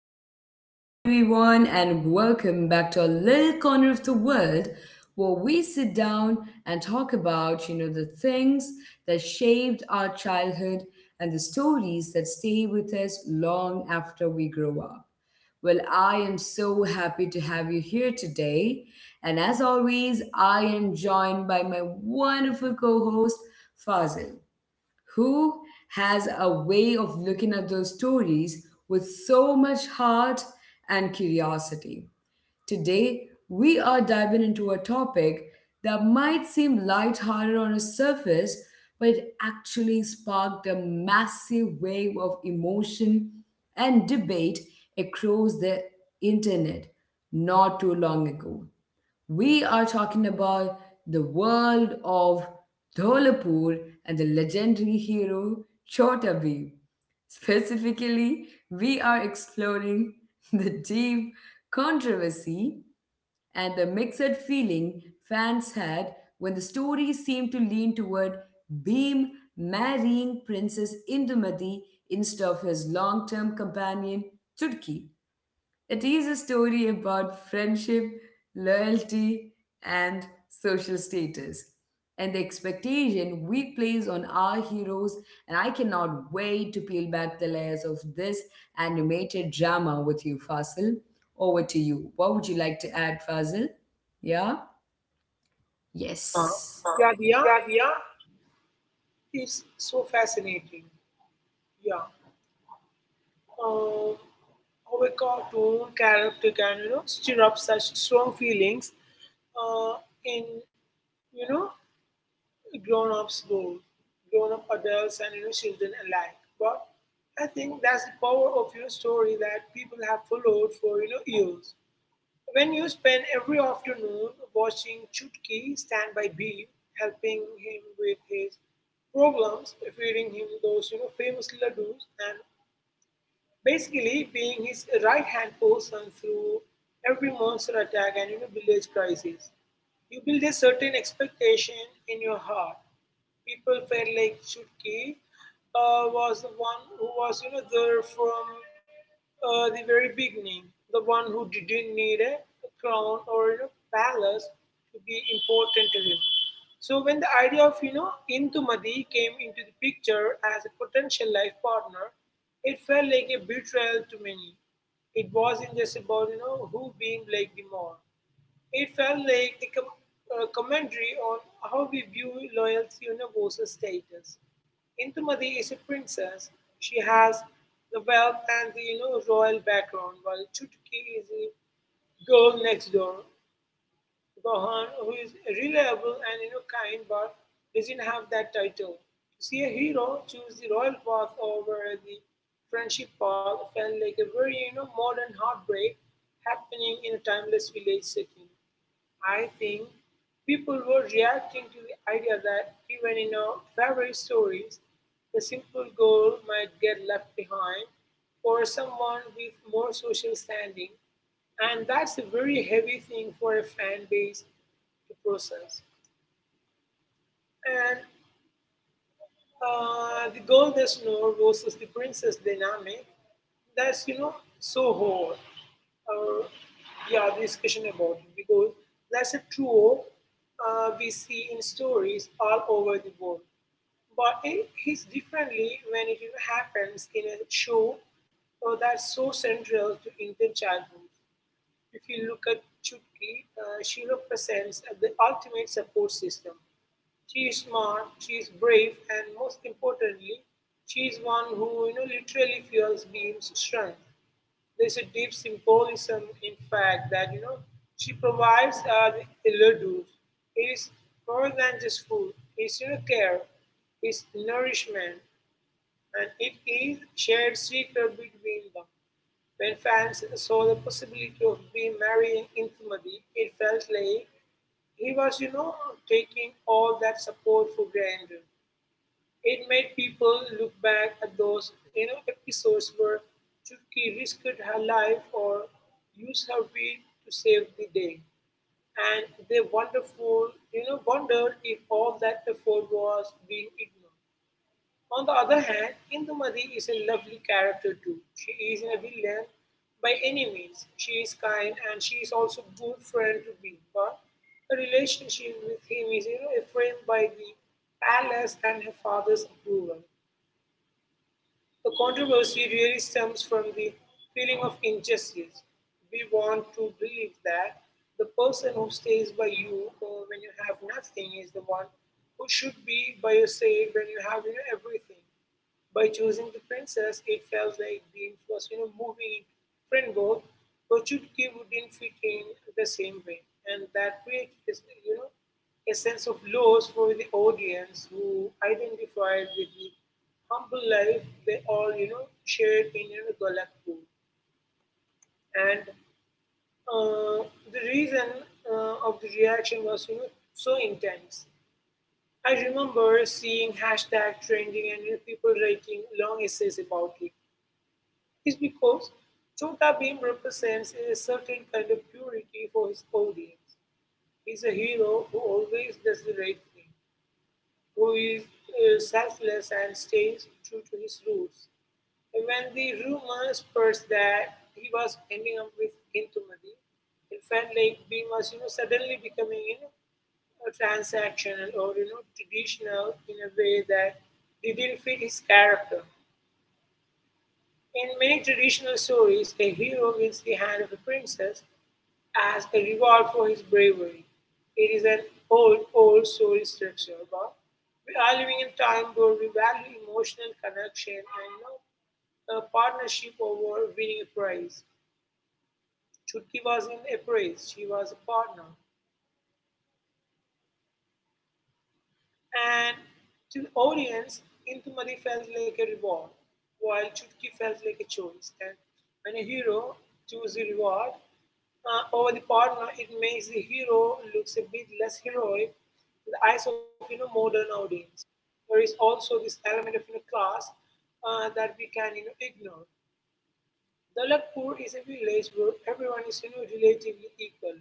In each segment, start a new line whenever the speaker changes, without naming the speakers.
Hey, hello everyone, and welcome back to a little corner of the world where we sit down and talk about, the things that shaped our childhood and the stories that stay with us long after we grow up. Well, I am so happy to have you here today. And as always, I am joined by my wonderful co host, Fazil who has a way of looking at those stories with so much heart and curiosity. Today, we are diving into a topic that might seem lighthearted on a surface, but it actually sparked a massive wave of emotion and debate across the internet not too long ago. We are talking about the world of Dholapur and the legendary hero Chota Bheem. Specifically, we are exploring the deep controversy and the mixed feeling fans had when the story seemed to lean toward Bhim marrying Princess Indumati instead of his long term companion Chutki. It is a story about friendship, loyalty, and social status, and the expectation we place on our heroes. And I cannot wait to peel back the layers of this animated drama with you, Fasil. Over to you. What would you like to add, Fasil? Yeah?
Yeah,
Yes.
yeah, yeah.
Yahya
It's so fascinating. Yeah. Um, how a cartoon character can, stir up such strong feelings in, you know, grown-ups world, grown-up adults and, children alike. But I think that's the power of, story that people have followed for, years. When you spend every afternoon watching Chutki stand by Bhim, helping him with his problems, feeding him those famous ladoos, and basically being his right hand person through every monster attack and village crisis, you build a certain expectation in your heart. People felt like Chutki was the one who was, there from the very beginning, the one who didn't need a crown or a palace to be important to him. So when the idea of Intumadi came into the picture as a potential life partner, it felt like a betrayal to many. It wasn't just about who being like the more. It felt like a commentary on how we view loyalty versus status. Intumadi is a princess. She has the wealth and the royal background, while Chutuki is a girl next door, Gohan, who is reliable and kind but doesn't have that title. To see a hero choose the royal path over the friendship path felt like a very modern heartbreak happening in a timeless village setting. I think people were reacting to the idea that even in our favorite stories, the simple goal might get left behind for someone with more social standing, and that's a very heavy thing for a fan base to process. And the golden snore versus the princess dynamic, that's so hard. Uh, yeah, the discussion about it because that's a true we see in stories all over the world. But it hits differently when it happens in a show that's so central to Indian childhood. If you look at Chutki, she represents the ultimate support system. She is smart, she is brave, and most importantly, she is one who literally fuels Beam's strength. There's a deep symbolism in fact that she provides the laddu. It is more than just food. It's care, it's nourishment, and it is shared secret between them. When fans saw the possibility of Bee marrying Indumati, it felt like he was, taking all that support for granted. It made people look back at those, episodes where Chutki risked her life or used her wit to save the day. And they wonderful, wondered if all that effort was being ignored. On the other hand, Indumati is a lovely character too. She isn't a villain by any means. She is kind and she is also a good friend to be, but her relationship with him is framed by the palace and her father's approval. The controversy really stems from the feeling of injustice. We want to believe that the person who stays by you when you have nothing is the one who should be by your side when you have everything. By choosing the princess, it felt like the was moving in Fringo, but Chutki wouldn't fit in the same way. And that created this a sense of loss for the audience who identified with the humble life they all, shared in Golakpur. And uh, the reason of the reaction was, so intense. I remember seeing hashtag trending and people writing long essays about it. Is because Chota Bheem represents a certain kind of purity for his audience. He's a hero who always does the right thing, who is selfless and stays true to his roots. And when the rumor spreads that he was ending up with Intumadi, it felt like Bheem was suddenly becoming a transactional or traditional in a way that didn't fit his character. In many traditional stories, a hero wins the hand of a princess as a reward for his bravery. It is an old, old story structure, but we are living in a time where we value emotional connection and not a partnership over winning a prize. Should give us in a praise. She was a partner. And to the audience, Intumadi felt like a reward, while Chutki felt like a choice. And when a hero chooses a reward over the partner, it makes the hero looks a bit less heroic in the eyes of modern audience. There is also this element of class that we can ignore. Dalatpur is a village where everyone is relatively equal,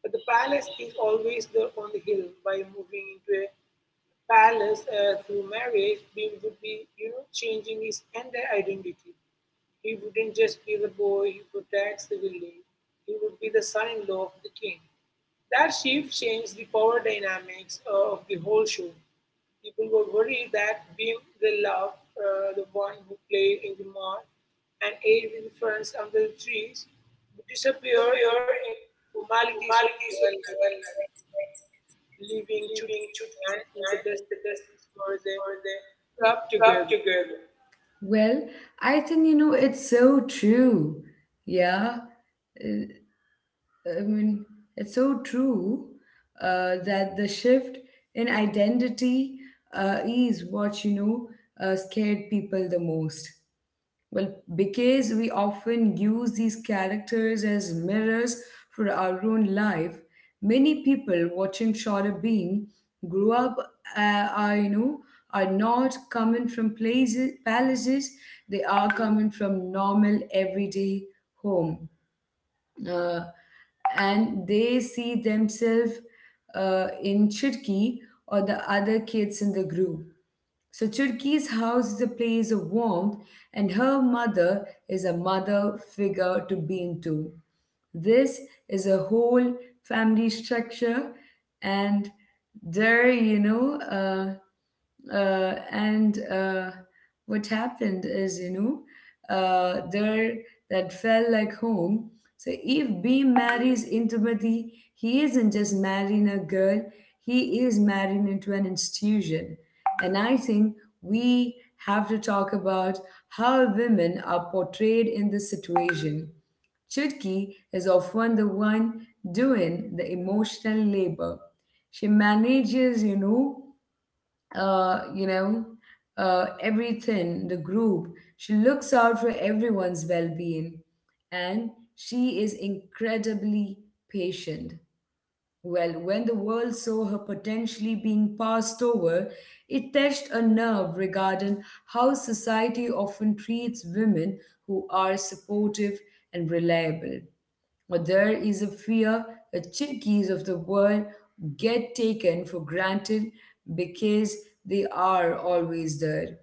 but the palace is always there on the hill. By moving into a palace through marriage, Bim would be changing his entire identity. He wouldn't just be the boy who protects the village, he would be the son in law of the king. That shift changed the power dynamics of the whole show. People were worried that Beam the Love, the one who played in the mall and ate with friends under the trees, would disappear in
disappeared in
formalities of
formalities of
real
development,
life, leaving
leaving
Chutki
Chutki
and in the
and in
desert
the desert
where they
for the
club
club
together.
together. Well, I think it's so true. Yeah, Uh, I mean it's so true that the shift in identity is what scared people the most. Well, because we often use these characters as mirrors for our own life, many people watching Shorter Beam grew up, are are not coming from places palaces. They are coming from normal everyday home, uh, and they see themselves in Chitki or the other kids in the group so Churki's house is a place of warmth, and her mother is a mother figure to Beam too. This is a whole family structure, and there, you know, and what happened is, you know, there that felt like home. So if Beam marries Intimati, he isn't just marrying a girl; he is marrying into an institution and I think we have to talk about how women are portrayed in this situation. Chutki is often the one doing the emotional labor. She manages, uh, you know, everything, the group. She looks out for everyone's well-being, and she is incredibly patient. Well, when the world saw her potentially being passed over, it touched a nerve regarding how society often treats women who are supportive and reliable. There is a fear that Cherokees of the world get taken for granted because they are always there,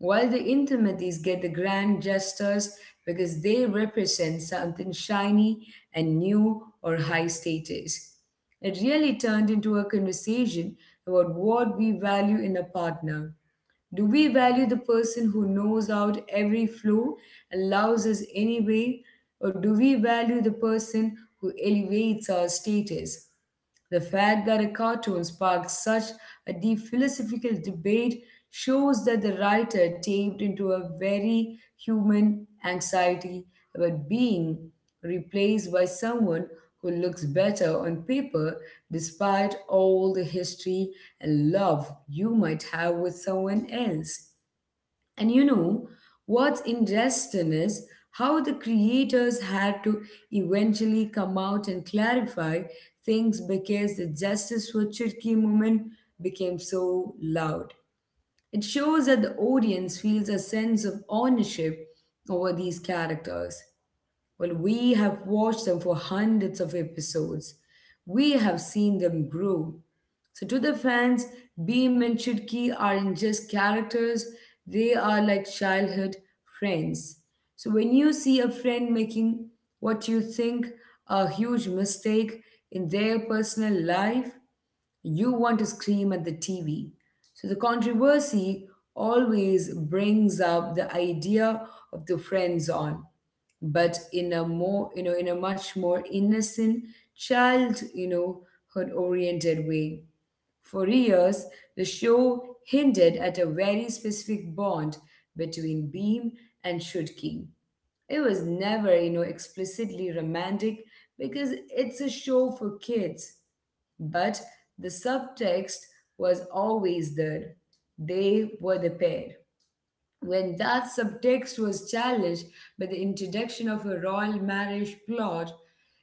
while the intimates get the grand gestures because they represent something shiny and new or high status. It really turned into a conversation about what we value in a partner do we value the person who knows out every flaw and loves us anyway? Or do we value the person who elevates our status? The fact that a cartoon sparked such a deep philosophical debate shows that the writer tapped into a very human anxiety about being replaced by someone who looks better on paper despite all the history and love you might have with someone else. And what's interesting is how the creators had to eventually come out and clarify things because the Justice for Cherokee movement became so loud. It shows that the audience feels a sense of ownership over these characters. Well, we have watched them for hundreds of episodes. We have seen them grow. So, to the fans, Beam and Chutki aren't just characters, they are like childhood friends. So, when you see a friend making what you think a huge mistake in their personal life, you want to scream at the TV. So the controversy always brings up the idea of the friend zone, but in a more, in a much more innocent, child, you know, hood oriented way. For years, the show hinted at a very specific bond between Beam and Shudking it was never explicitly romantic because it's a show for kids but the subtext was always there. They were the pair. When that subtext was challenged by the introduction of a royal marriage plot,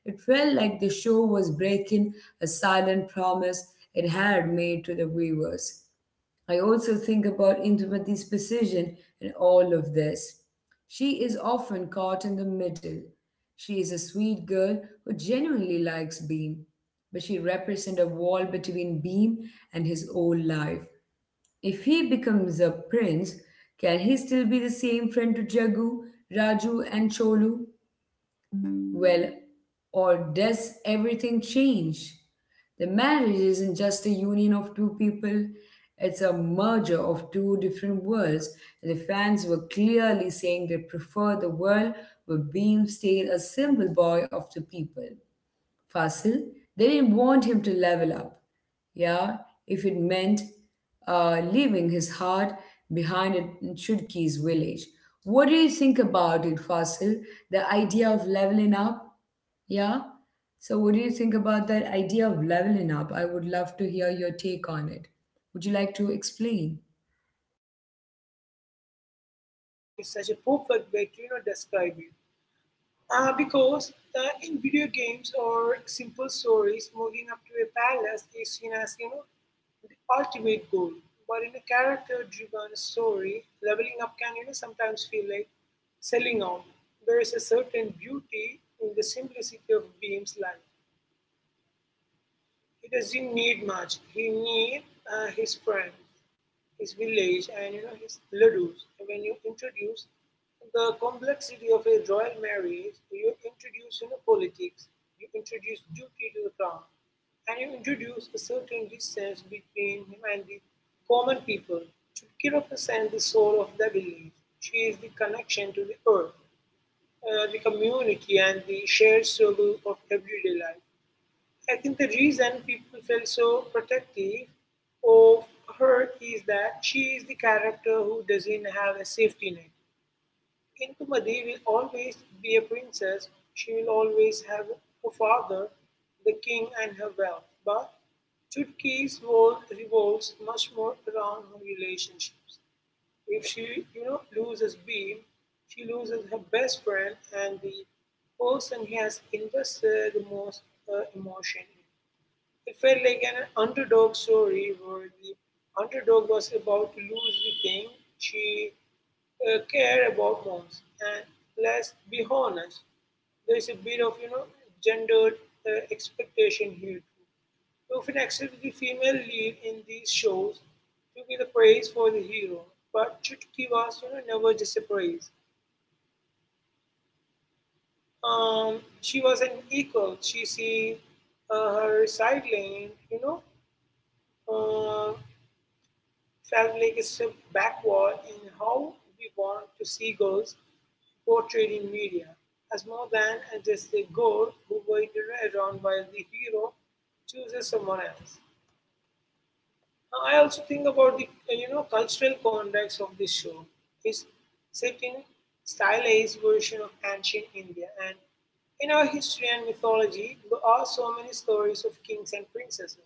it felt like the show was breaking a silent promise it had made to the viewers. I also think about Indumati's position in all of this. She is often caught in the middle. She is a sweet girl who genuinely likes Beam, but she represents a wall between Beam and his old life. If he becomes a prince, can he still be the same friend to Jagu, Raju, and Cholu? Well, or does everything change? The marriage isn't just a union of two people, it's a merger of two different worlds. The fans were clearly saying they prefer the world where Beam stayed a symbol boy of the people. Fasil, they didn't want him to level up. Yeah, if it meant leaving his heart behind in Chutki's village. What do you think about it, Fasil? The idea of leveling up? Yeah? So, what do you think about that idea of leveling up? I would love to hear your take on it. Would you like to explain?
It's such a perfect way to describe it. Because in video games or simple stories, moving up to a palace is seen as the ultimate goal. But in a character-driven story, leveling up can sometimes feel like selling out. There is a certain beauty in the simplicity of Beam's life. He doesn't need much. He needs his friend, his village, and his ladoos. When you introduce the complexity of a royal marriage, you introduce politics, you introduce duty to the crown, and you introduce a certain distance between him and the common people. To represent the soul of the village. She is the connection to the earth, the community, and the shared struggle of everyday life. I think the reason people felt so protective of her is that she is the character who doesn't have a safety net. Intumadi will always be a princess, she will always have her father, the king, and her wealth. But Chutki's world revolves much more around her relationships. If she loses Beam, she loses her best friend and the person he has invested the most emotion in. It felt like an underdog story where the underdog was about to lose the thing she cared about most. And let's be honest, there's a bit of gendered expectation here too. We often accept the female lead in these shows to be the praise for the hero, but Chutki was never just a praise. She was an equal. She see her side lane, uh, Favlik is so backward in how we want to see girls portrayed in media, as more than just a girl who waited around while the hero chooses someone else. I also think about the cultural context of this show. It's set in stylized version of ancient India, and in our history and mythology, there are so many stories of kings and princesses.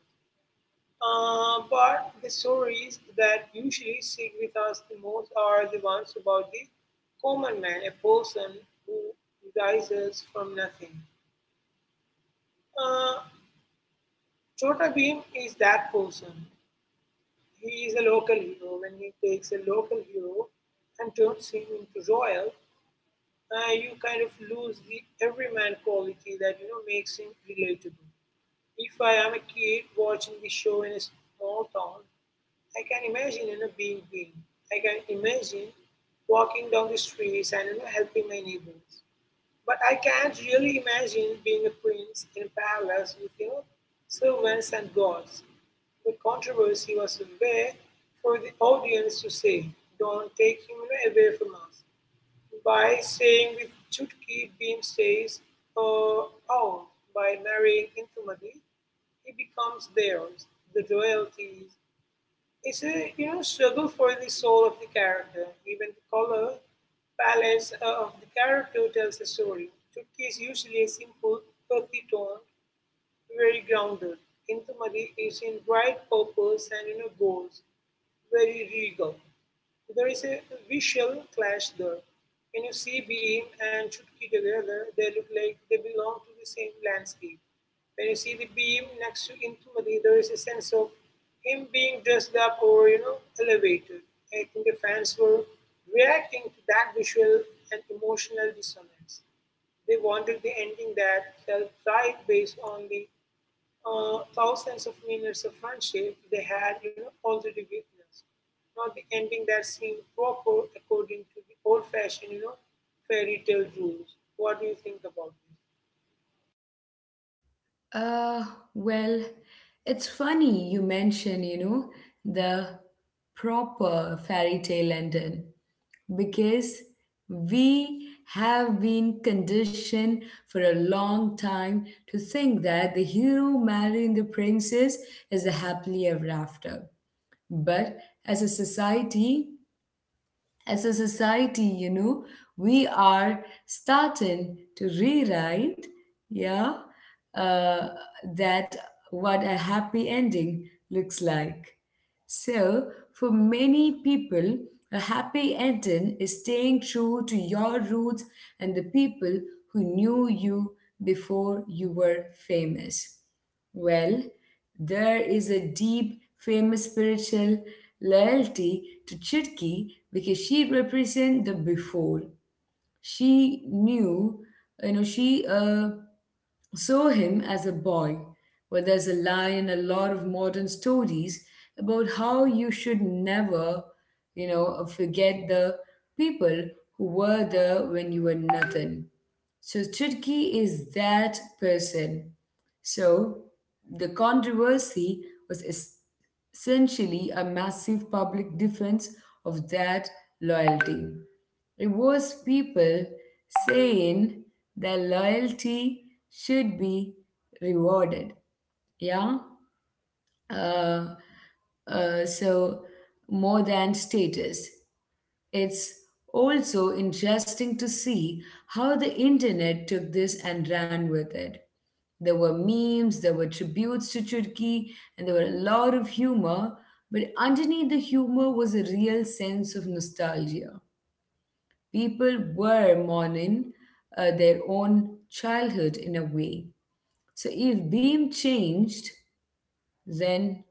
But the stories that usually stick with us the most are the ones about the common man, a person who rises from nothing. Uh, Chota Bhim is that person. He is a local hero. When he takes a local hero and turns him into royal, you kind of lose the everyman quality that makes him relatable. If I am a kid watching the show in a small town, I can imagine being green. I can imagine walking down the streets and helping my neighbors. But I can't really imagine being a prince in a palace with servants and gods. The controversy was there for the audience to say, don't take him away from us. By saying the Chutki Beam stays out by marrying Intumati, he becomes theirs. The royalties. It's a struggle for the soul of the character. Even the color palette of the character tells a story. Chutki is usually a simple, earthy tone, very grounded. Intumari is in bright purples and golds, very regal. There is a visual clash there. When you see Beam and Chutki together, they look like they belong to the same landscape. When you see the Beam next to Intumadi, there is a sense of him being dressed up or elevated. I think the fans were reacting to that visual and emotional dissonance. They wanted the ending that felt right based on the thousands of minutes of friendship they had already witnessed. Not the ending that seemed proper according to the old-fashioned, fairy tale rules. What do you think about this?
Uh, well, it's funny you mention, the proper fairy tale ending because we have been conditioned for a long time to think that the hero marrying the princess is a happily ever after. But as a society, as a society, you know, we are starting to rewrite, yeah, uh, that what a happy ending looks like. So, for many people, a happy ending is staying true to your roots and the people who knew you before you were famous. Well, there is a deep, famous spiritual loyalty to Chutki because she represents the before. She knew, you know, she saw him as a boy, where there's a lie in a lot of modern stories about how you should never, forget the people who were there when you were nothing. So Chutki is that person. So the controversy was essentially a massive public defense of that loyalty. Rewards people saying their loyalty should be rewarded. Yeah. Uh, so more than status. It's also interesting to see how the internet took this and ran with it. There were memes, there were tributes to Turkey, and there were a lot of humor, but underneath the humor was a real sense of nostalgia people were mourning their own childhood in a way. So if Beam changed, then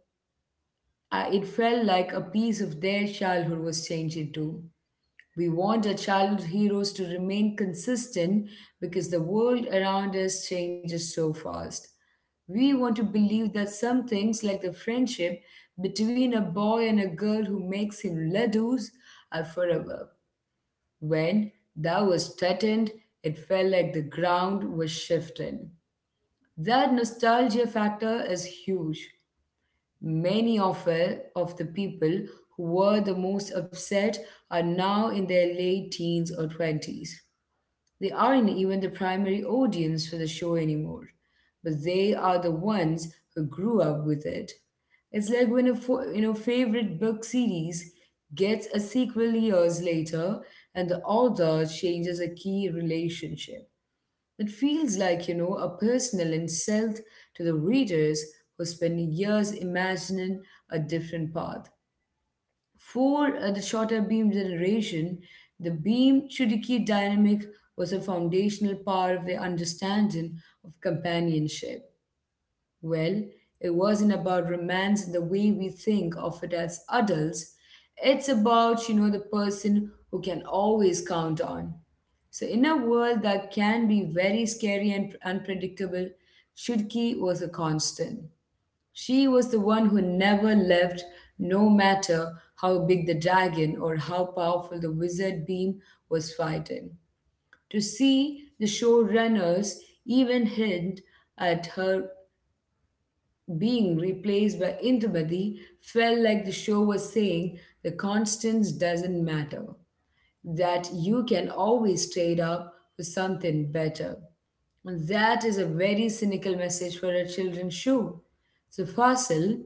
it felt like a piece of their childhood was changing too. We want our childhood heroes to remain consistent because the world around us changes so fast. We want to believe that some things, like the friendship between a boy and a girl who makes him ladoos, are forever. When that was threatened, it felt like the ground was shifting. That nostalgia factor is huge. Many of the people who were the most upset are now in their late teens or 20s. They aren't even the primary audience for the show anymore, but they are the ones who grew up with it. It's like when a favorite book series gets a sequel years later and the author changes a key relationship. It feels like a personal insult to the readers who spend years imagining a different path. For the shorter beam generation, the beam Shuriki dynamic was a foundational part of their understanding of companionship. Well, it wasn't about romance in the way we think of it as adults. It's about, the person who can always count on. So, in a world that can be very scary and unpredictable, Shuriki was a constant. She was the one who never left, no matter how big the dragon or how powerful the wizard beam was fighting. To see the showrunners even hint at her being replaced by Indumati felt like the show was saying the constants doesn't matter, that you can always trade up for something better. That is a very cynical message for a children's show. So, Fasil,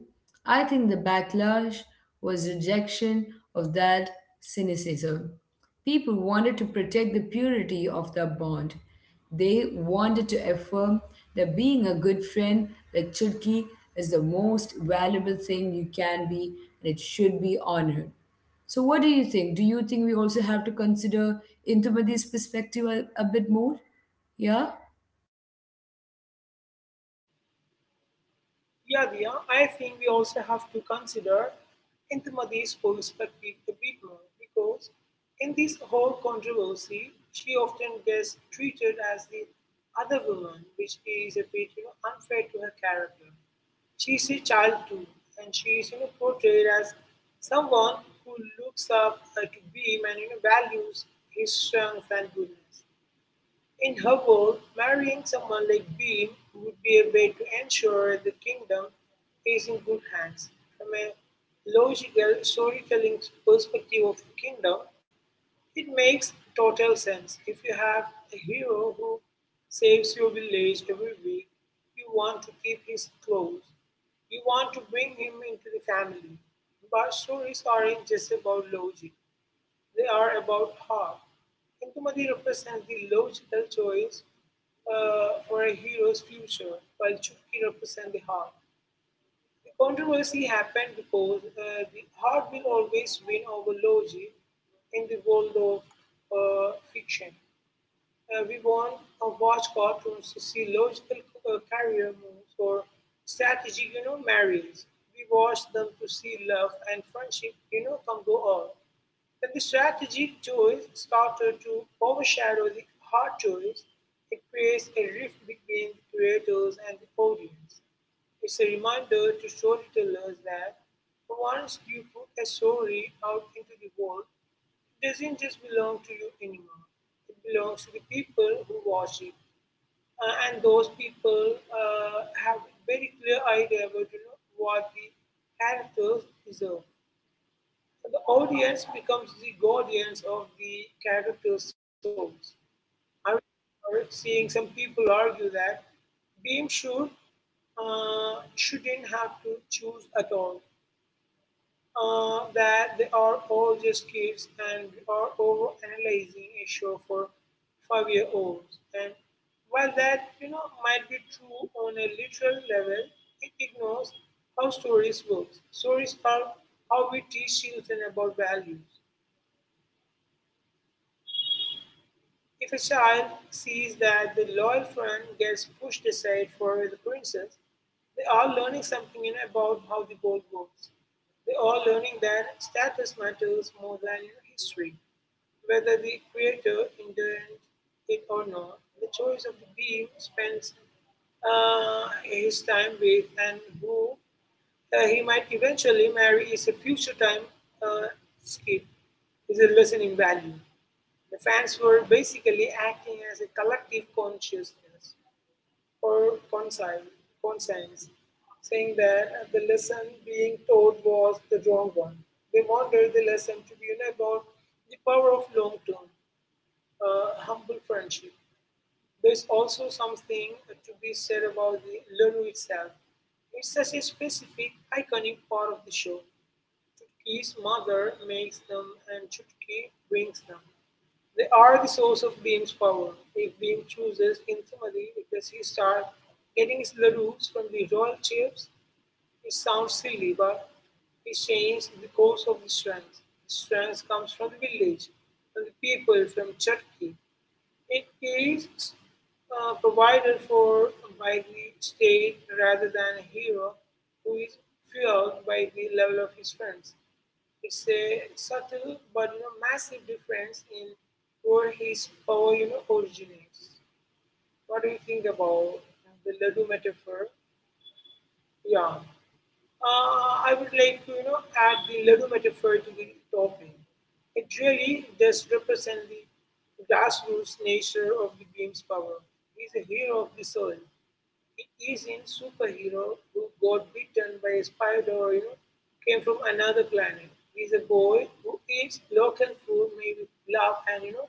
I think the backlash was rejection of that cynicism. People wanted to protect the purity of the bond. They wanted to affirm that being a good friend like Chutki is the most valuable thing you can be and it should be honored. So, what do you think? Do you think we also have to consider Intumadi's perspective a bit more? Yeah?
Yeah, Diya, I think we also have to consider Intimati's perspective a bit more because in this whole controversy, she often gets treated as the other woman, which is a bit unfair to her character. She's a child too, and she is portrayed as someone who looks up to Beam and values his strength and goodness. In her world, marrying someone like Bean would be a way to ensure the kingdom is in good hands. From a logical storytelling perspective of the kingdom, it makes total sense. If you have a hero who saves your village every week, you want to keep his clothes. You want to bring him into the family. But stories aren't just about logic. They are about heart. Indumati represents the logical choice for a hero's future, while Chutki represents the heart. The controversy happened because the heart will always win over logic in the world of fiction. We want to watch cartoons to see logical career moves or strategic, marriages. We watch them to see love and friendship, come go on. When the strategic choice started to overshadow the hard choice, it creates a rift between the creators and the audience. It's a reminder to storytellers that once you put a story out into the world, doesn't just belong to you anymore. It belongs to the people who watch it. And those people have very clear idea about what the characters deserve. So the audience becomes the guardians of the characters' souls. I remember seeing some people argue that Beam shouldn't have to choose at all that they are all just kids and we are over analyzing a show for 5 year olds. And while that might be true on a literal level, it ignores how stories work. Stories are how we teach children about values. If a child sees that the loyal friend gets pushed aside for the princess, they are learning something about how the world works. They are learning that status matters more than history. Whether the creator intended it or not, the choice of the being spends his time with and who he might eventually marry is a future time uh, skip, is a lesson in value. The fans were basically acting as a collective consciousness or conscience, saying that the lesson being taught was the wrong one. They wanted the lesson to be about the power of long term, humble friendship. There's also something to be said about the Lulu itself. It's such a specific, iconic part of the show. Chutki's mother makes them and Chutki brings them. They are the source of Bhim's power. If Bhim chooses Indramati because he starts getting his ladoos from the royal chiefs, it sounds silly, but he changed the course of the strength. The strength comes from the village, from the people, from Chutki. It is provided for by the state rather than a hero who is fueled by the level of his friends. It's a subtle but massive difference in where his power originates. What do you think about the laddu metaphor? Yeah, I would like to add the laddu metaphor to the topic. It really does represent the grassroots nature of the beam's power. He's a hero of the soil. It is in superhero who got bitten by a spider or came from another planet. He's a boy who eats local food made with love and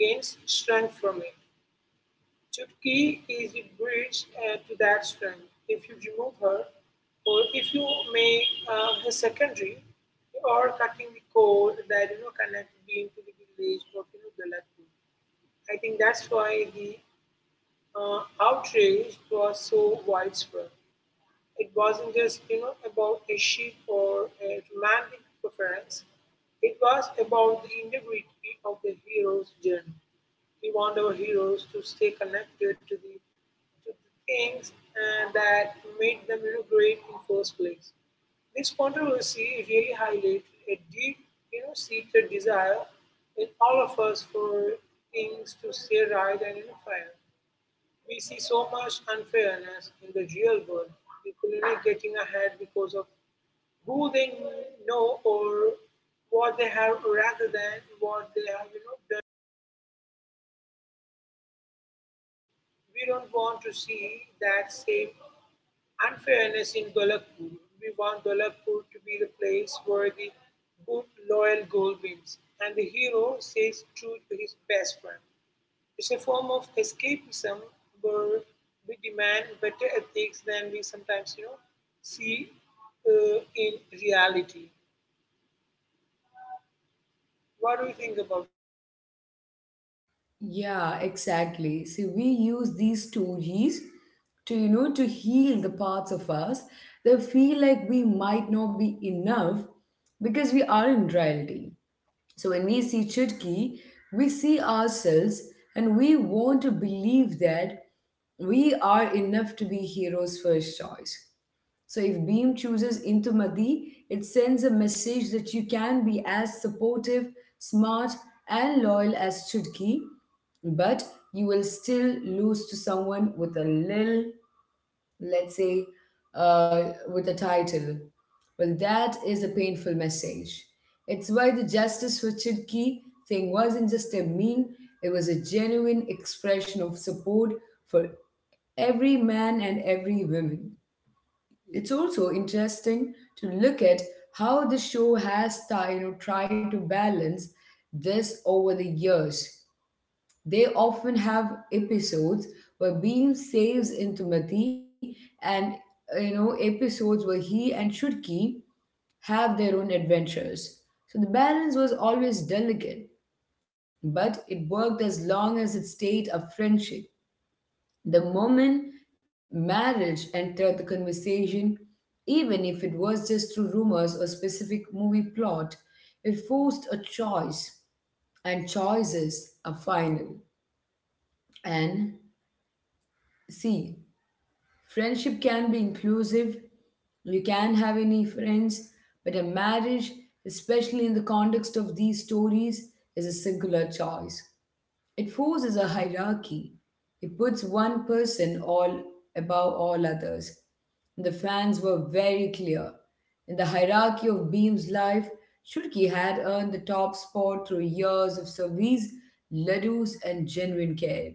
gains strength from it. Chutki is the bridge to that strength. If you remove her, or if you make her secondary, you are cutting the cord that connects being to the village of Dalatpur. I think that's why the outrage was so widespread. It wasn't just about a chic or a romantic preference. It was about the integrity of the hero's journey. We want our heroes to stay connected to the things that made them great in first place. This controversy really highlighted a deep, seated desire in all of us for things to stay right and fair. We see so much unfairness in the real world. People getting ahead because of who they know or what they have rather than what they have done. We don't want to see that same unfairness in Golakpur. We want Golakpur to be the place where the good, loyal gold wins and the hero says true to his best friend. It's a form of escapism where we demand better ethics than we sometimes see in reality. What do you think about this?
Yeah, exactly. See, we use these stories to, to heal the parts of us that feel like we might not be enough because we are in reality. So when we see Chutki, we see ourselves and we want to believe that we are enough to be hero's first choice. So if Beam chooses Intumadi, it sends a message that you can be as supportive, smart, and loyal as Chutki, but you will still lose to someone with a little, let's say, uh, with a title. Well, that is a painful message. It's why the Justice for Chidki thing wasn't just a meme, it was a genuine expression of support for every man and every woman. It's also interesting to look at how the show has tried to balance this over the years. They often have episodes where Beam saves Intimati, and episodes where he and Shudki have their own adventures. So the balance was always delicate, but it worked as long as it stayed a friendship. The moment marriage entered the conversation, even if it was just through rumors or specific movie plot, it forced a choice, and choices are final. And see, friendship can be inclusive. You can have any friends, but a marriage, especially in the context of these stories, is a singular choice. It forces a hierarchy. It puts one person all above all others. The fans were very clear. In the hierarchy of Beam's life, Shulki had earned the top spot through years of service, ladoos, and genuine care.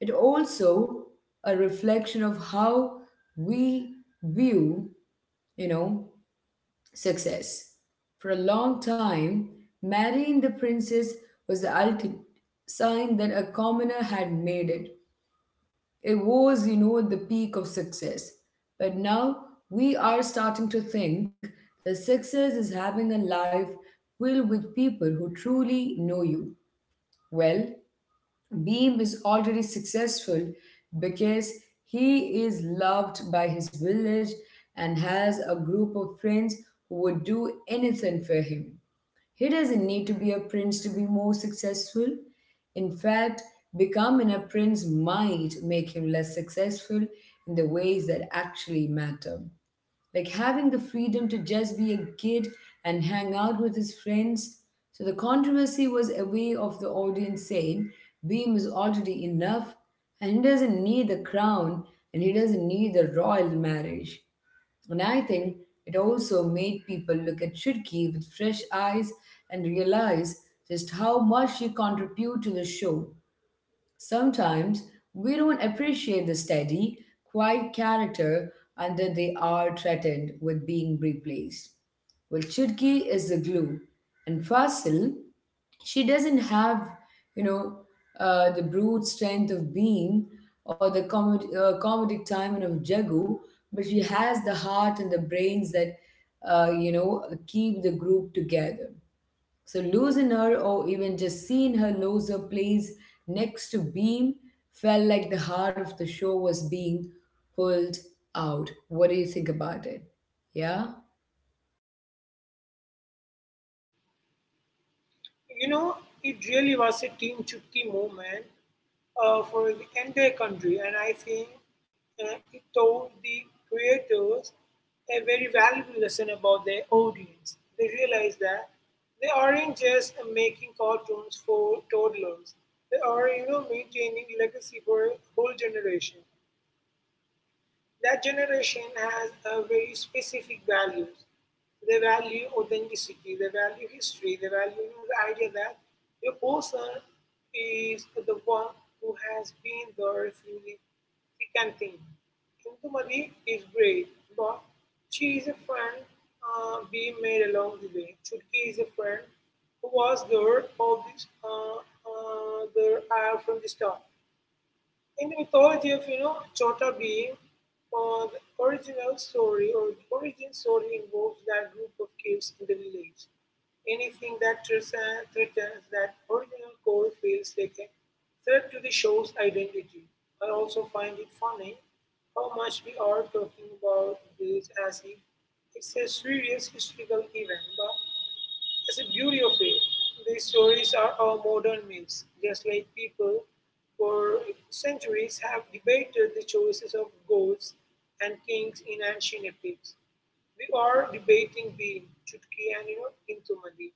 It also a reflection of how we view, you know, success. For a long time, marrying the princess was the ultimate sign that a commoner had made it. It was, you know, the peak of success. But now we are starting to think that success is having a life filled with people who truly know you well. Beam is already successful because he is loved by his village and has a group of friends who would do anything for him. He doesn't need to be a prince to be more successful. In fact, becoming a prince might make him less successful in the ways that actually matter. Like having the freedom to just be a kid and hang out with his friends. So the controversy was a way of the audience saying Beam is already enough, and he doesn't need the crown and he doesn't need the royal marriage. And I think it also made people look at Shirki with fresh eyes and realize just how much she contributed to the show. Sometimes we don't appreciate the steady, quiet character until they are threatened with being replaced. Well, Chutki is the glue, and Fasil, she doesn't have, you know, the brute strength of Beam or the comedic timing of Jagu, but she has the heart and the brains that, you know, keep the group together. So losing her or even just seeing her lose her place next to Beam felt like the heart of the show was being pulled out. What do you think about it? Yeah?
You know, it really was a Team Chutki movement for the entire country, and I think it taught the creators a very valuable lesson about their audience. They realized that they aren't just making cartoons for toddlers; they are, maintaining legacy for a whole generation. That generation has a very specific values. They value authenticity, they value history, they value the idea that a person is the one who has been there through the thick and thin. Kumari is brave, but she is a friend being made along the way. Chutki is a friend who was there from the start. In the mythology of Chota being the original story or the origin story involves that group of kids in the village. Anything that threatens that original core feels like a threat to the show's identity. I also find it funny how much we are talking about this as if it's a serious historical event, but that's the beauty of it. These stories are our modern myths, just like people for centuries have debated the choices of gods and kings in ancient epics we are debating the Chutki and Intumadi.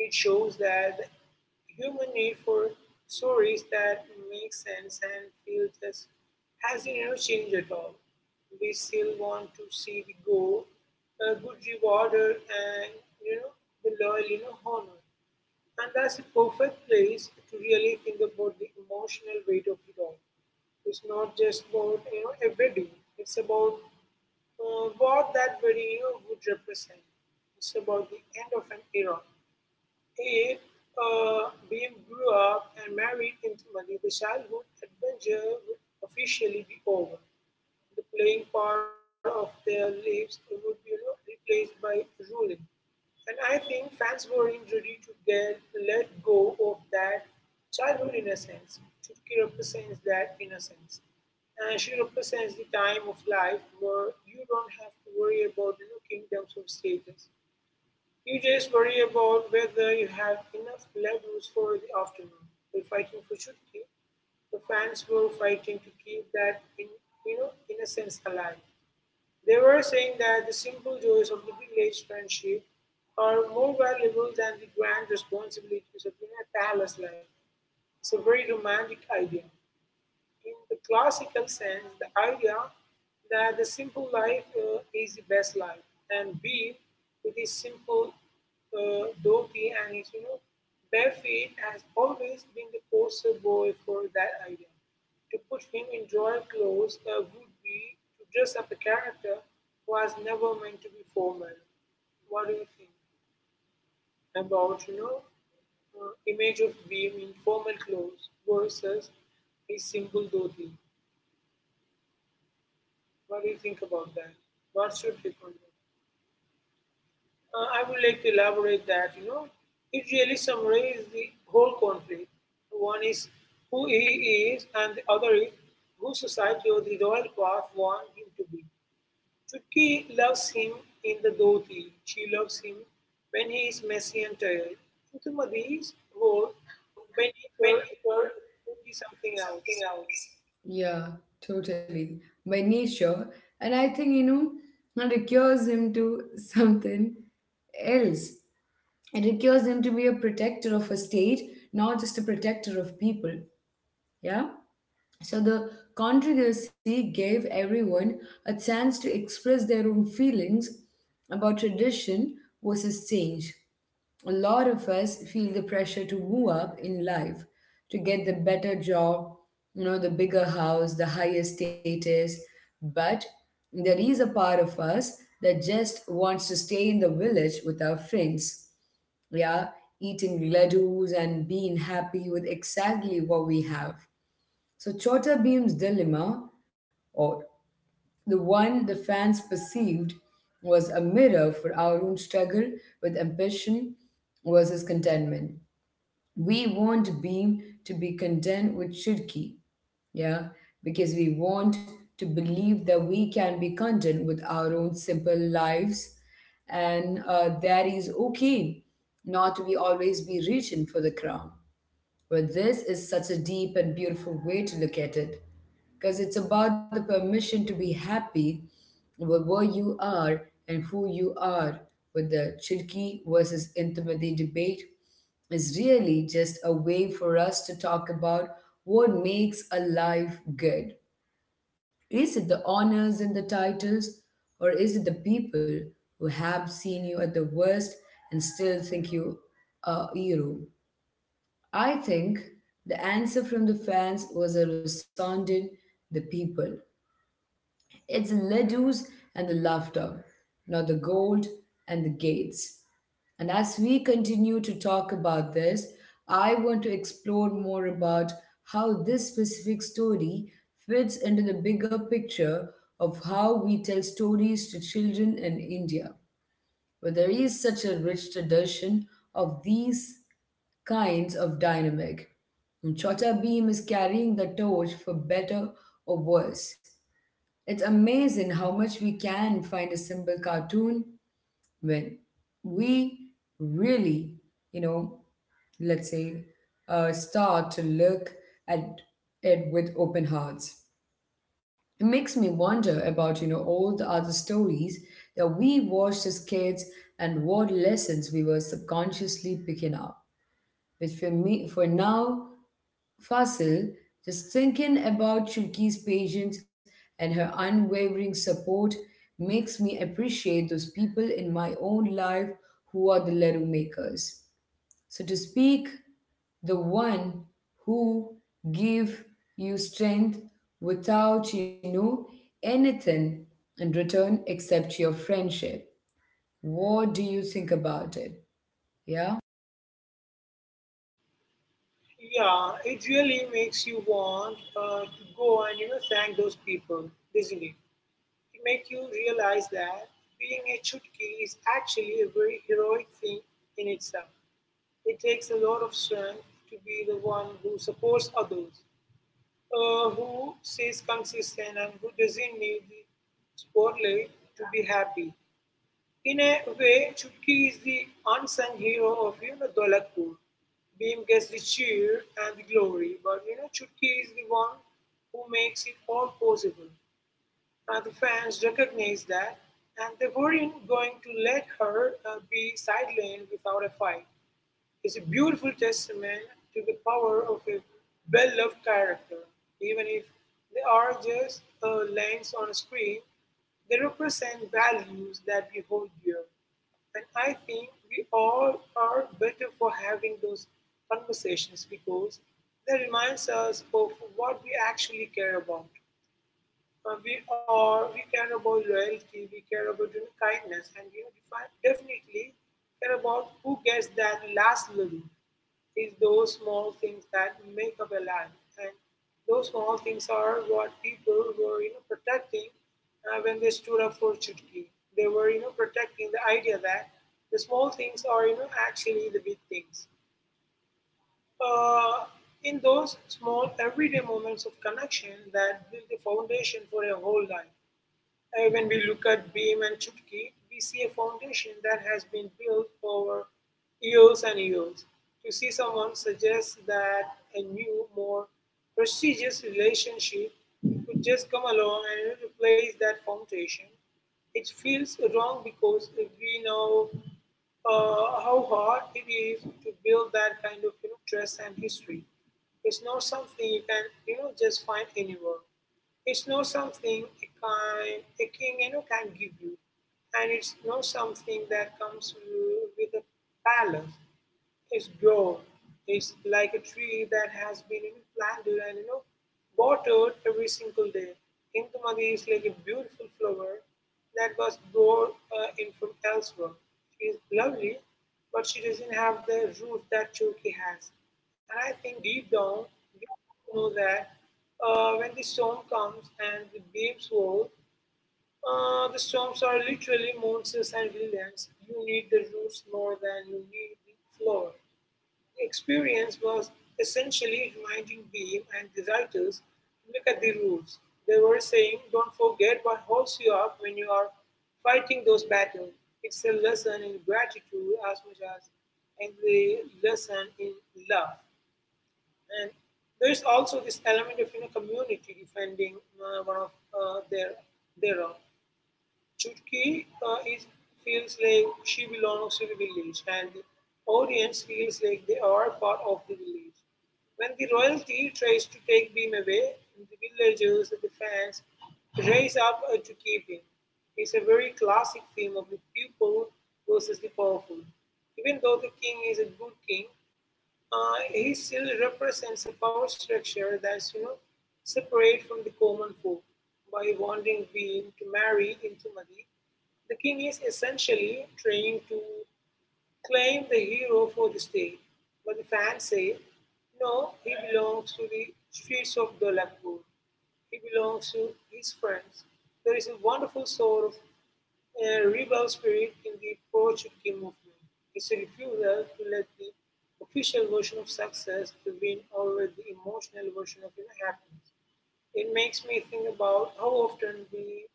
It shows that the human need for stories that make sense and feel just hasn't changed at all. We still want to see the goal, a good rewarder, and you know the loyal honor. And that's a perfect place to really think about the emotional weight of it all. It's not just about a wedding. It's about what that video would represent. It's about the end of an era. It Beam grew up and married into money. The childhood adventure would officially be over. The playing part of their lives would be replaced by ruling. And I think fans weren't ready to get let go of that childhood innocence. Chutki represents that innocence. And she represents the time of life where you don't have to worry about kingdoms of status. You just worry about whether you have enough levels for the afternoon. We're fighting for Chutki. The fans were fighting to keep that in, innocence alive. They were saying that the simple joys of the village friendship are more valuable than the grand responsibilities of a palace life. It's a very romantic idea. In the classical sense, the idea that the simple life is the best life, and Bean, with his simple dhoti and his bare feet, has always been the poster boy for that idea. To put him in royal clothes would be to dress up a character who was never meant to be formal. What do you think about image of Beam in formal clothes versus his simple dhoti? What do you think about that? What should be content? I would like to elaborate that, it really summarizes the whole conflict. One is who he is, and the other is who society or the royal path want him to be. Chutki loves him in the dhoti. She loves him when he is messy and tired. Chutumadi's whole when he is
When people
something
be something
else.
else. Yeah, totally. By nature. And I think, you know, it recures him to something else. It requires him to be a protector of a state, not just a protector of people. Yeah? So the controversy gave everyone a chance to express their own feelings about tradition versus change. A lot of us feel the pressure to move up in life, to get the better job, you know, the bigger house, the higher status. But there is a part of us that just wants to stay in the village with our friends, yeah, eating ladoos and being happy with exactly what we have. So Chota Beam's dilemma, or the one the fans perceived, was a mirror for our own struggle with ambition versus contentment. We want Beam to be content with Shirki, yeah, because we want to believe that we can be content with our own simple lives, and that is okay, not to be always be reaching for the crown. Well, this is such a deep and beautiful way to look at it, because it's about the permission to be happy with where you are and who you are. With the Chidki versus intimacy debate, is really just a way for us to talk about what makes a life good. Is it the honors and the titles, or is it the people who have seen you at the worst and still think you a hero? I think the answer from the fans was a resounding the people. It's the ladoos and the laughter, not the gold and the gates. And as we continue to talk about this, I want to explore more about how this specific story fits into the bigger picture of how we tell stories to children in India, where there is such a rich tradition of these kinds of dynamic. Chota Beam is carrying the torch for better or worse. It's amazing how much we can find a simple cartoon when we really, you know, let's say, start to look at it with open hearts. It makes me wonder about, you know, all the other stories that we watched as kids and what lessons we were subconsciously picking up. But for me, for now, Fasil, just thinking about Chulki's patience and her unwavering support makes me appreciate those people in my own life who are the Laru makers. So to speak, the one who give you strength without, you know, anything in return except your friendship. What do you think about it? Yeah?
Yeah, it really makes you want to go and thank those people, doesn't it? It makes you realize that being a chutki is actually a very heroic thing in itself. It takes a lot of strength to be the one who supports others, who stays consistent, and who doesn't need the spotlight to be happy. In a way, Chutki is the unsung hero of Dolakpur. Beam gets the cheer and the glory, but Chutki is the one who makes it all possible. And the fans recognize that, and they weren't going to let her be sidelined without a fight. It's a beautiful testament to the power of a well loved character. Even if they are just lines on a screen, they represent values that we hold dear. And I think we all are better for having those conversations because they reminds us of what we actually care about. We care about loyalty, we care about kindness, and we are definitely care about who gets that last living. It's those small things that make up a life, and those small things are what people were protecting when they stood up for Chutki. They were protecting the idea that the small things are actually the big things. Uh, in those small everyday moments of connection that build the foundation for a whole life when we look at Beam and Chutki, we see a foundation that has been built over years and years. To see someone suggest that a new, more prestigious relationship could just come along and replace that foundation, it feels wrong because we know how hard it is to build that kind of trust and history. It's not something you can just find anywhere. It's not something a king can give you, and it's not something that comes with a palace. Its growth is like a tree that has been planted and watered every single day. Indumati is like a beautiful flower that was brought in from elsewhere. She is lovely, but she doesn't have the roots that Choki has. And I think deep down, we all know that when the storm comes and the waves roll, the storms are literally monsters and villains. You need the roots more than you need the floor. The experience was essentially reminding Beam and the writers look at the rules. They were saying, don't forget what holds you up when you are fighting those battles. It's a lesson in gratitude as much as and the lesson in love. And there's also this element of community defending one of their own. Chutki feels like she belongs to the village, and the audience feels like they are part of the village. When the royalty tries to take Beam away, the villagers and the fans raise up to keep him. It's a very classic theme of the people versus the powerful. Even though the king is a good king, he still represents a power structure that's separate from the common folk. By wanting Queen to marry Intumadi, the king is essentially trying to claim the hero for the state. But the fans say, no, he belongs to the streets of Dolakpur. He belongs to his friends. There is a wonderful sort of rebel spirit in the pro Chutki movement. It's a refusal to let the official version of success to win over the emotional version of happiness. It makes me think about how often we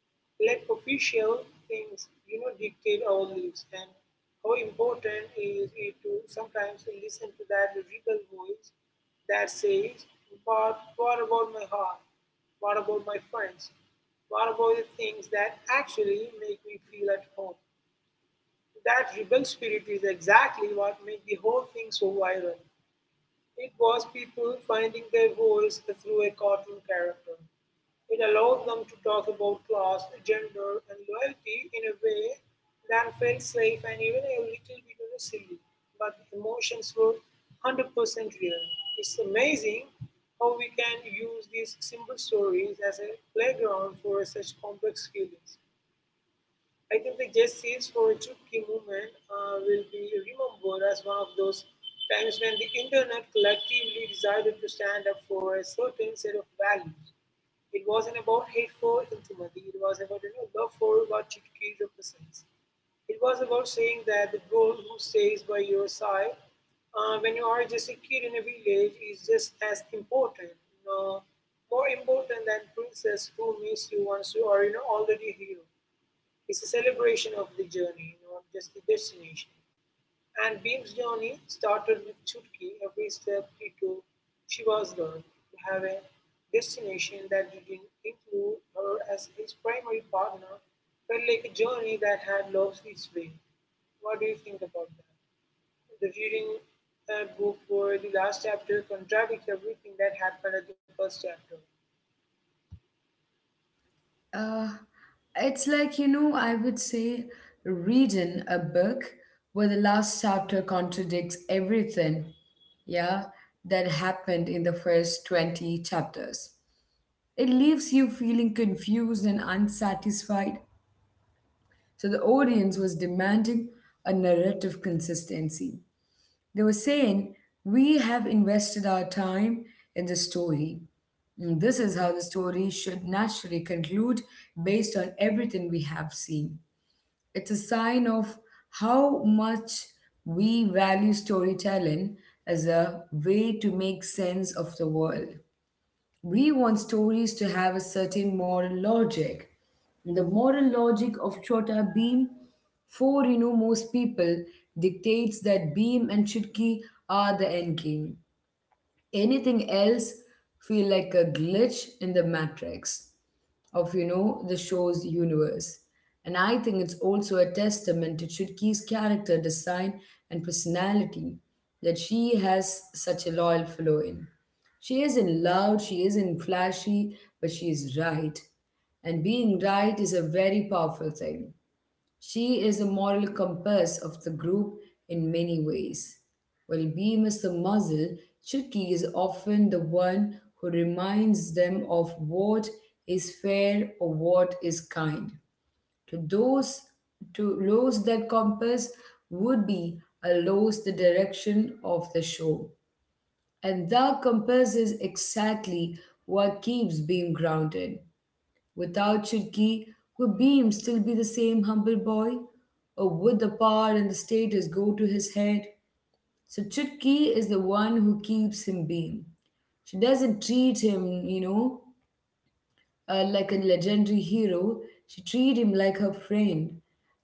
let official things dictate our lives and how important is it to sometimes listen to that rebel voice that says, but what about my heart? What about my friends? What about the things that actually make me feel at home? That rebel spirit is exactly what made the whole thing so viral. It was people finding their voice through a cartoon character. It allowed them to talk about class, gender, and loyalty in a way that felt safe and even a little bit of a silly. But the emotions were 100% real. It's amazing how we can use these simple stories as a playground for such complex feelings. I think the Jet Seals for Chutki movement will be remembered as one of those times when the internet collectively decided to stand up for a certain set of values. It wasn't about hate for Intimati, it was about love for what Chutki represents. It was about saying that the girl who stays by your side when you are just a kid in a village is just as important, you know, more important than princess who meets you once you are, you know, already a hero. It's a celebration of the journey, not just the destination. And Beam's journey started with Chutki every step he took. She was learned to have a destination that didn't include her as his primary partner, felt like a journey that had lost its way. What do you think about that? The reading book for the last chapter contradicts everything that happened at the first chapter.
Uh, it's like, you know, I would say reading a book where the last chapter contradicts everything, yeah, that happened in the first 20 chapters. It leaves you feeling confused and unsatisfied. So the audience was demanding a narrative consistency. They were saying, we have invested our time in the story. And this is how the story should naturally conclude based on everything we have seen. It's a sign of how much we value storytelling as a way to make sense of the world. We want stories to have a certain moral logic. The moral logic of Chota Beam, for you know most people, dictates that Beam and Chutki are the end game. Anything else feel like a glitch in the matrix of, you know, the show's universe. And I think it's also a testament to Chutki's character design and personality, that she has such a loyal following. She isn't loud, she isn't flashy, but she is right. And being right is a very powerful thing. She is the moral compass of the group in many ways. While Beam is the muzzle, Chucky is often the one who reminds them of what is fair or what is kind. To those to lose that compass would be a lose the direction of the show. And that compass is exactly what keeps Beam grounded. Without Chutki, would Beam still be the same humble boy? Or would the power and the status go to his head? So Chutki is the one who keeps him Beam. She doesn't treat him, you know, like a legendary hero. She treat him like her friend.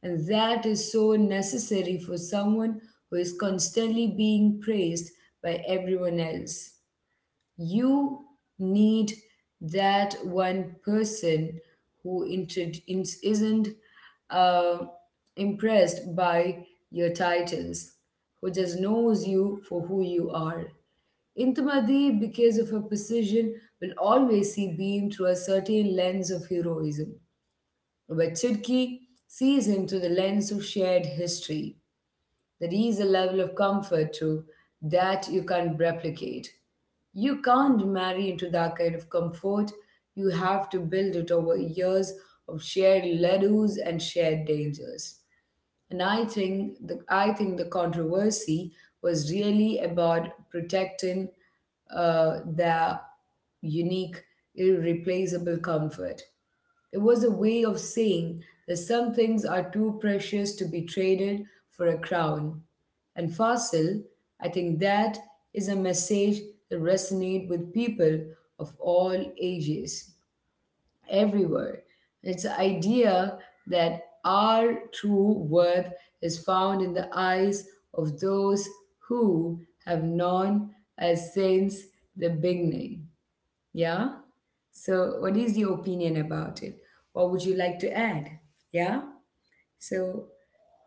And that is so necessary for someone who is constantly being praised by everyone else. You need that one person who isn't uh, impressed by your titles, who just knows you for who you are. Intimadi, because of her position, will always see Beam through a certain lens of heroism, but Chidki sees him through the lens of shared history. There is a level of comfort too that you can't replicate. You can't marry into that kind of comfort. You have to build it over years of shared ladoos and shared dangers. And I think the controversy was really about protecting the unique, irreplaceable comfort. It was a way of saying that some things are too precious to be traded for a crown. And Fasil, I think that is a message that resonates with people of all ages, everywhere. It's the idea that our true worth is found in the eyes of those who have known us since the beginning. Yeah? So, what is your opinion about it? What would you like to add? Yeah? So,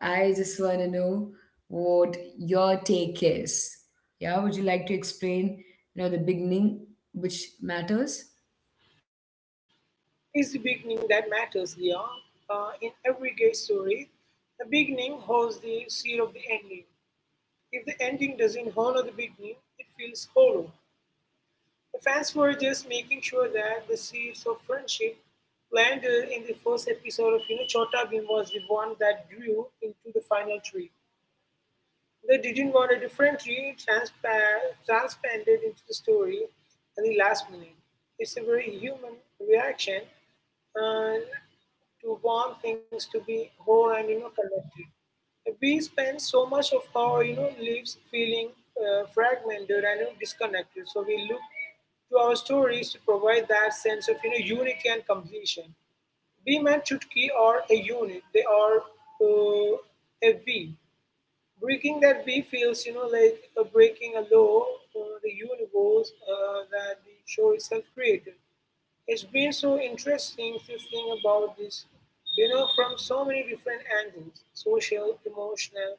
I just want to know what your take is. Yeah? Would you like to explain, you know, the beginning, which matters?
It's the beginning that matters, Leon. In every gay story, the beginning holds the seal of the ending. If the ending doesn't honor the beginning, it feels hollow. The fans were just making sure that the seeds of friendship planted in the first episode of Chota Bhim was the one that grew into the final tree. They didn't want a different tree transplanted into the story at the last minute. It's a very human reaction and to want things to be whole and connected. We spend so much of our lives feeling fragmented and disconnected. So we look to our stories to provide that sense of unity and completion. Beam and Chutki are a unit. They are uh, a we breaking that we feels like breaking a law for the universe that the show itself created. It's been so interesting to think about this from so many different angles, social, emotional,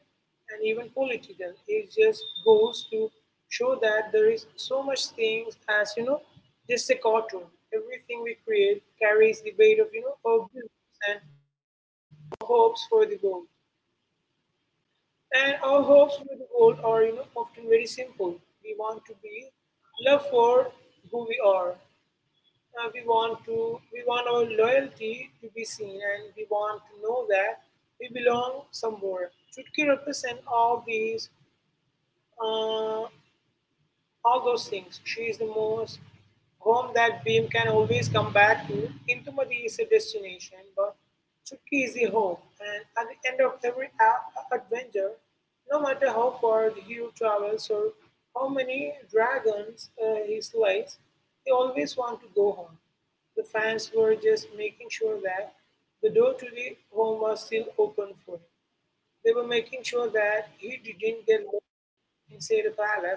and even political. It just goes to show that there is so much things as just a cartoon. Everything we create carries the weight of our beliefs and our hopes for the goal, and our hopes with the world are, you know, often very simple. We want to be loved for who we are. We want our loyalty to be seen, and we want to know that we belong somewhere. Chutki represents all these uh, all those things. She is the most home that Beam can always come back to. Intumadi is a destination, but Chutki is the home. And at the end of every adventure, no matter how far the hero travels or how many dragons he slays, they always want to go home. The fans were just making sure that the door to the home was still open for him. They were making sure that he didn't get lost inside the palace and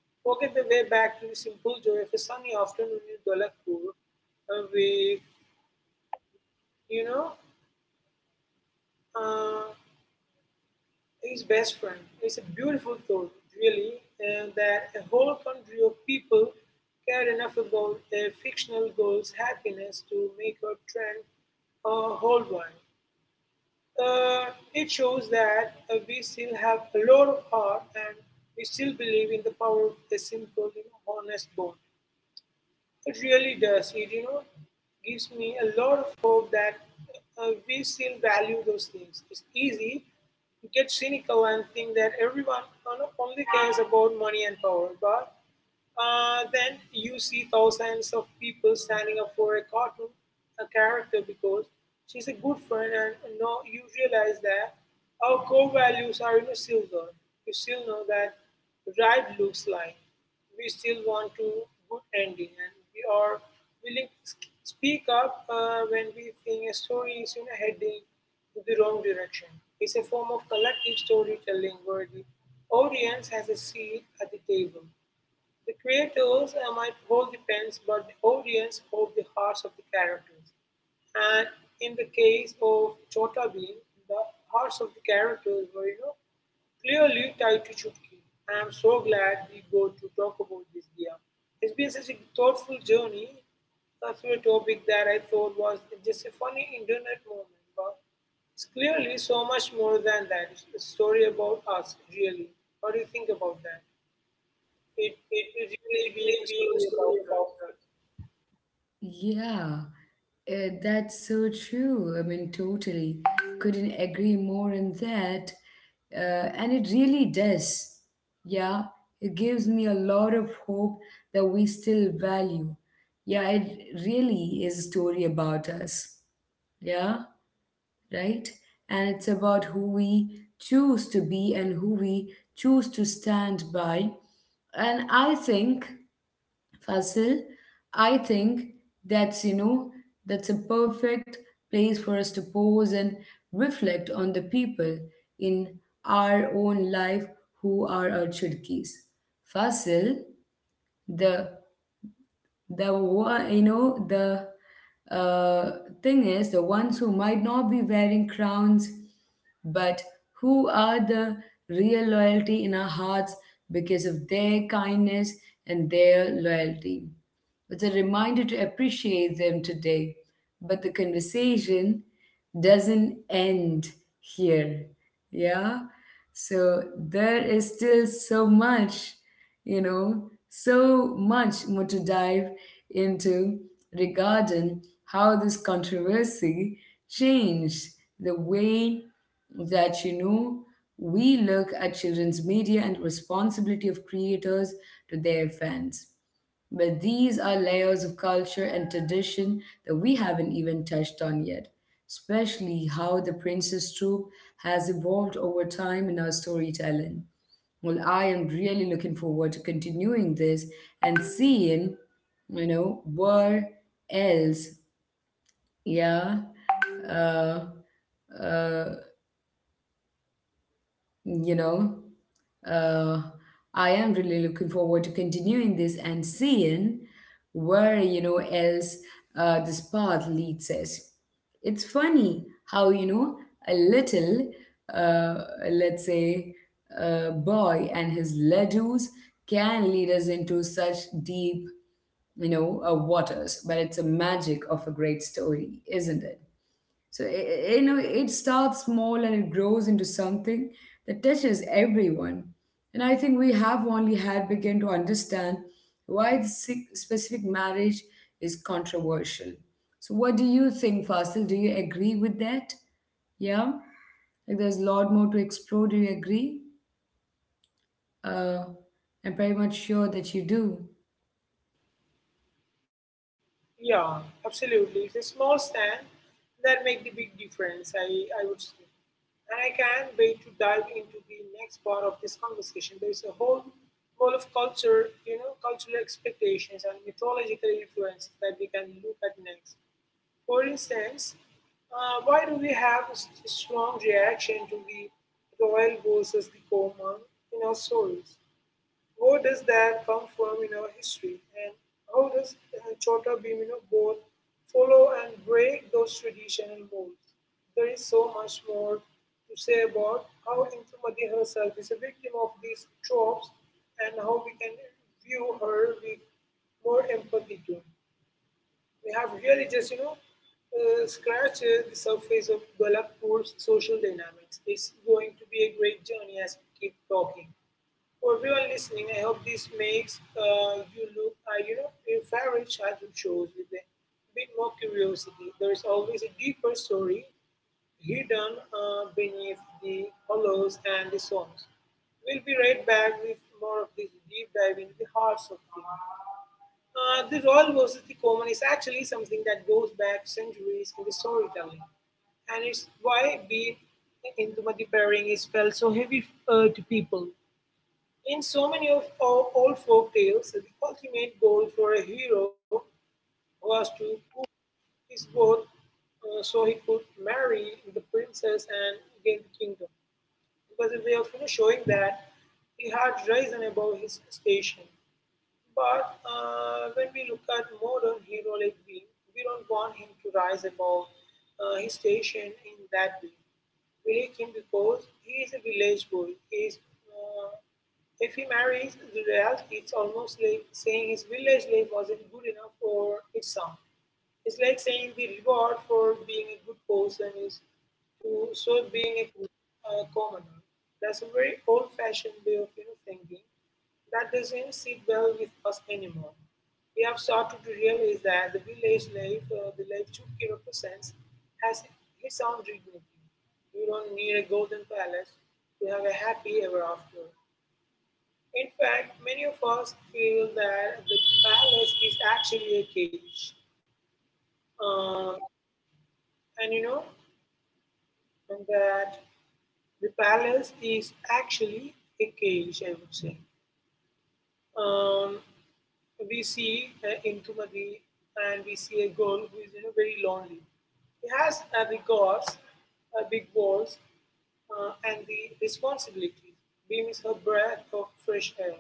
forget the way back to the simple joy of a sunny afternoon in Dolakpur with, you know, uh, his best friend. It's a beautiful thought, really, and that a whole country of people care enough about their fictional goals' happiness to make a trend a whole one. It shows that we still have a lot of heart and we still believe in the power of a simple, you know, honest bond. It really does. It, you know, gives me a lot of hope that we still value those things. It's easy to get cynical and think that everyone only cares about money and power, but then you see thousands of people standing up for a character because she's a good friend, and you know, you realize that our core values are still there. You still know that right looks like we still want to good ending and we are willing to speak up when we think a story is heading to the wrong direction. It's a form of collective storytelling where the audience has a seat at the table. The creators might hold the pens, but the audience hold the hearts of the characters. And in the case of Chota Bheem, the hearts of the characters were, you know, clearly tied to Chutki. I am so glad we got to talk about this, Dia. It's been such a thoughtful journey through a topic that I thought was just a funny internet moment, but it's clearly so much more than that. It's a story about us, really. What do you think about that? It
It
is really being
basically
a
being a
story about
story
her.
about her. Yeah. That's so true. I mean, totally. Couldn't agree more on that. And it really does. Yeah, it gives me a lot of hope that we still value. Yeah, it really is a story about us. Yeah, right? And it's about who we choose to be and who we choose to stand by. And I think, Fasil, I think that's, you know, that's a perfect place for us to pause and reflect on the people in our own life who are our Churkis. Fasil, the the one, you know, the uh, thing is the ones who might not be wearing crowns, but who are the real loyalty in our hearts because of their kindness and their loyalty. It's a reminder to appreciate them today. But the conversation doesn't end here. Yeah. So there is still so much, you know, so much more to dive into regarding how this controversy changed the way that, you know, we look at children's media and responsibility of creators to their fans. But these are layers of culture and tradition that we haven't even touched on yet, especially how the Princess Troop has evolved over time in our storytelling. Well, I am really looking forward to continuing this and seeing, you know, where else, yeah, uh, uh, you know uh, I am really looking forward to continuing this and seeing where, you know, else this path leads us. It's funny how, you know, a little, uh, let's say, boy and his ladoos can lead us into such deep, you know, waters. But it's a magic of a great story, isn't it? So, you know, it starts small and it grows into something that touches everyone. And I think we have only had begun to understand why this specific marriage is controversial. So, what do you think, Fasil? Do you agree with that? Yeah? Like, there's a lot more to explore. Do you agree? Uh, I'm pretty much sure that you do.
Yeah, absolutely. It's a small stand that make the big difference, I would say. And I can't wait to dive into the next part of this conversation. There is a whole world of culture, you know, cultural expectations and mythological influences that we can look at next. For instance, why do we have strong reaction to the royal versus the common in our stories? Where does that come from in our history, and how does Chota Bhim, you know, both follow and break those traditional molds? There is so much more to say about how Intumati herself is a victim of these tropes and how we can view her with more empathy too. We have really just, you know, scratched the surface of Golapur's social dynamics. It's going to be a great journey as we keep talking. For everyone listening, I hope this makes you know, your favorite childhood shows with a bit more curiosity. There is always a deeper story hidden beneath the colors and the songs. We'll be right back with more of this deep dive into the hearts of things. This all versus the common is actually something that goes back centuries in the storytelling. And it's why being Indumati pairing is felt so heavy to people. In so many of our old folk tales, the ultimate goal for a hero was to woo his boat so he could marry the princess and gain the kingdom. It was a way of you know, showing that he had risen above his station. But when we look at modern hero like Beam, we don't want him to rise above his station in that way. We like him because he is a village boy. He is, if he marries the reality, it's almost like saying his village life wasn't good enough for its son. It's like saying the reward for being a good person is to stop being commoner. That's a very old fashioned way of thinking that doesn't sit well with us anymore. We have started to realize that the village life, the life Chukki represents, has its own dignity. You don't need a golden palace to have a happy ever after. In fact, many of us feel that the palace is actually a cage. Uh, and you know that the palace is actually a cage, I would say. Um, we see Indumati and we see a girl who is very lonely. He has the gods, big walls, and the responsibilities. Beam is her breath of fresh air.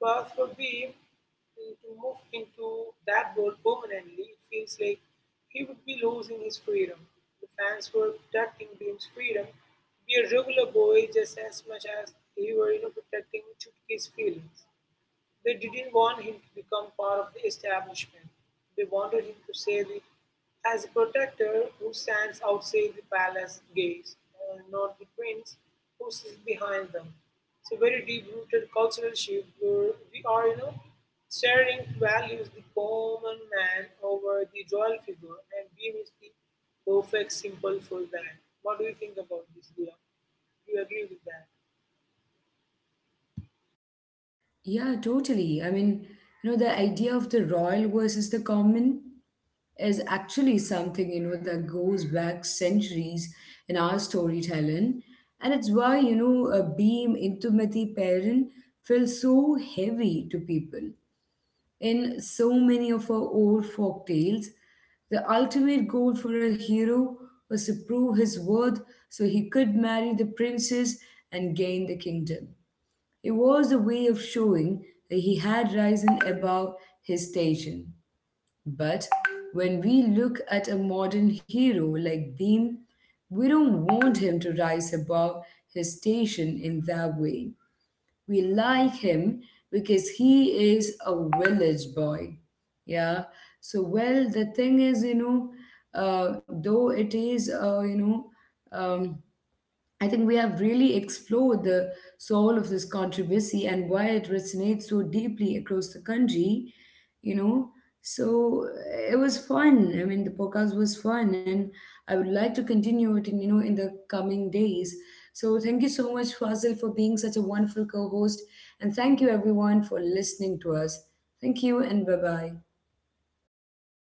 But for Beam to move into that world permanently, it feels like he would be losing his freedom. The fans were protecting Beam's freedom to be a regular boy just as much as he were protecting Chutki's feelings. They didn't want him to become part of the establishment; they wanted him to say the, as a protector who stands outside the palace gates, not the prince who sits behind them. It's a very deep-rooted cultural shift where we are, you know, starting to value the common man over the royal figure, and Beam is the perfect symbol for that. What do you think about this, Leah? Do you agree with that?
Yeah, totally. I mean, you know, the idea of the royal versus the common is actually something, you know, that goes back centuries in our storytelling. And it's why, you know, a beam intimati parent feels so heavy to people. In so many of our old folk tales, the ultimate goal for a hero was to prove his worth so he could marry the princess and gain the kingdom. It was a way of showing that he had risen above his station. But when we look at a modern hero like Beam, we don't want him to rise above his station in that way. We like him because he is a village boy. Yeah. So, well, the thing is, you know, uh, though it is, uh, you know, um, I think we have really explored the soul of this controversy and why it resonates so deeply across the country, you know. So it was fun. I mean, the podcast was fun, and I would like to continue it, in, you know, in the coming days. So thank you so much, Fazil, for being such a wonderful co-host, and thank you everyone for listening to us. Thank you, and bye bye.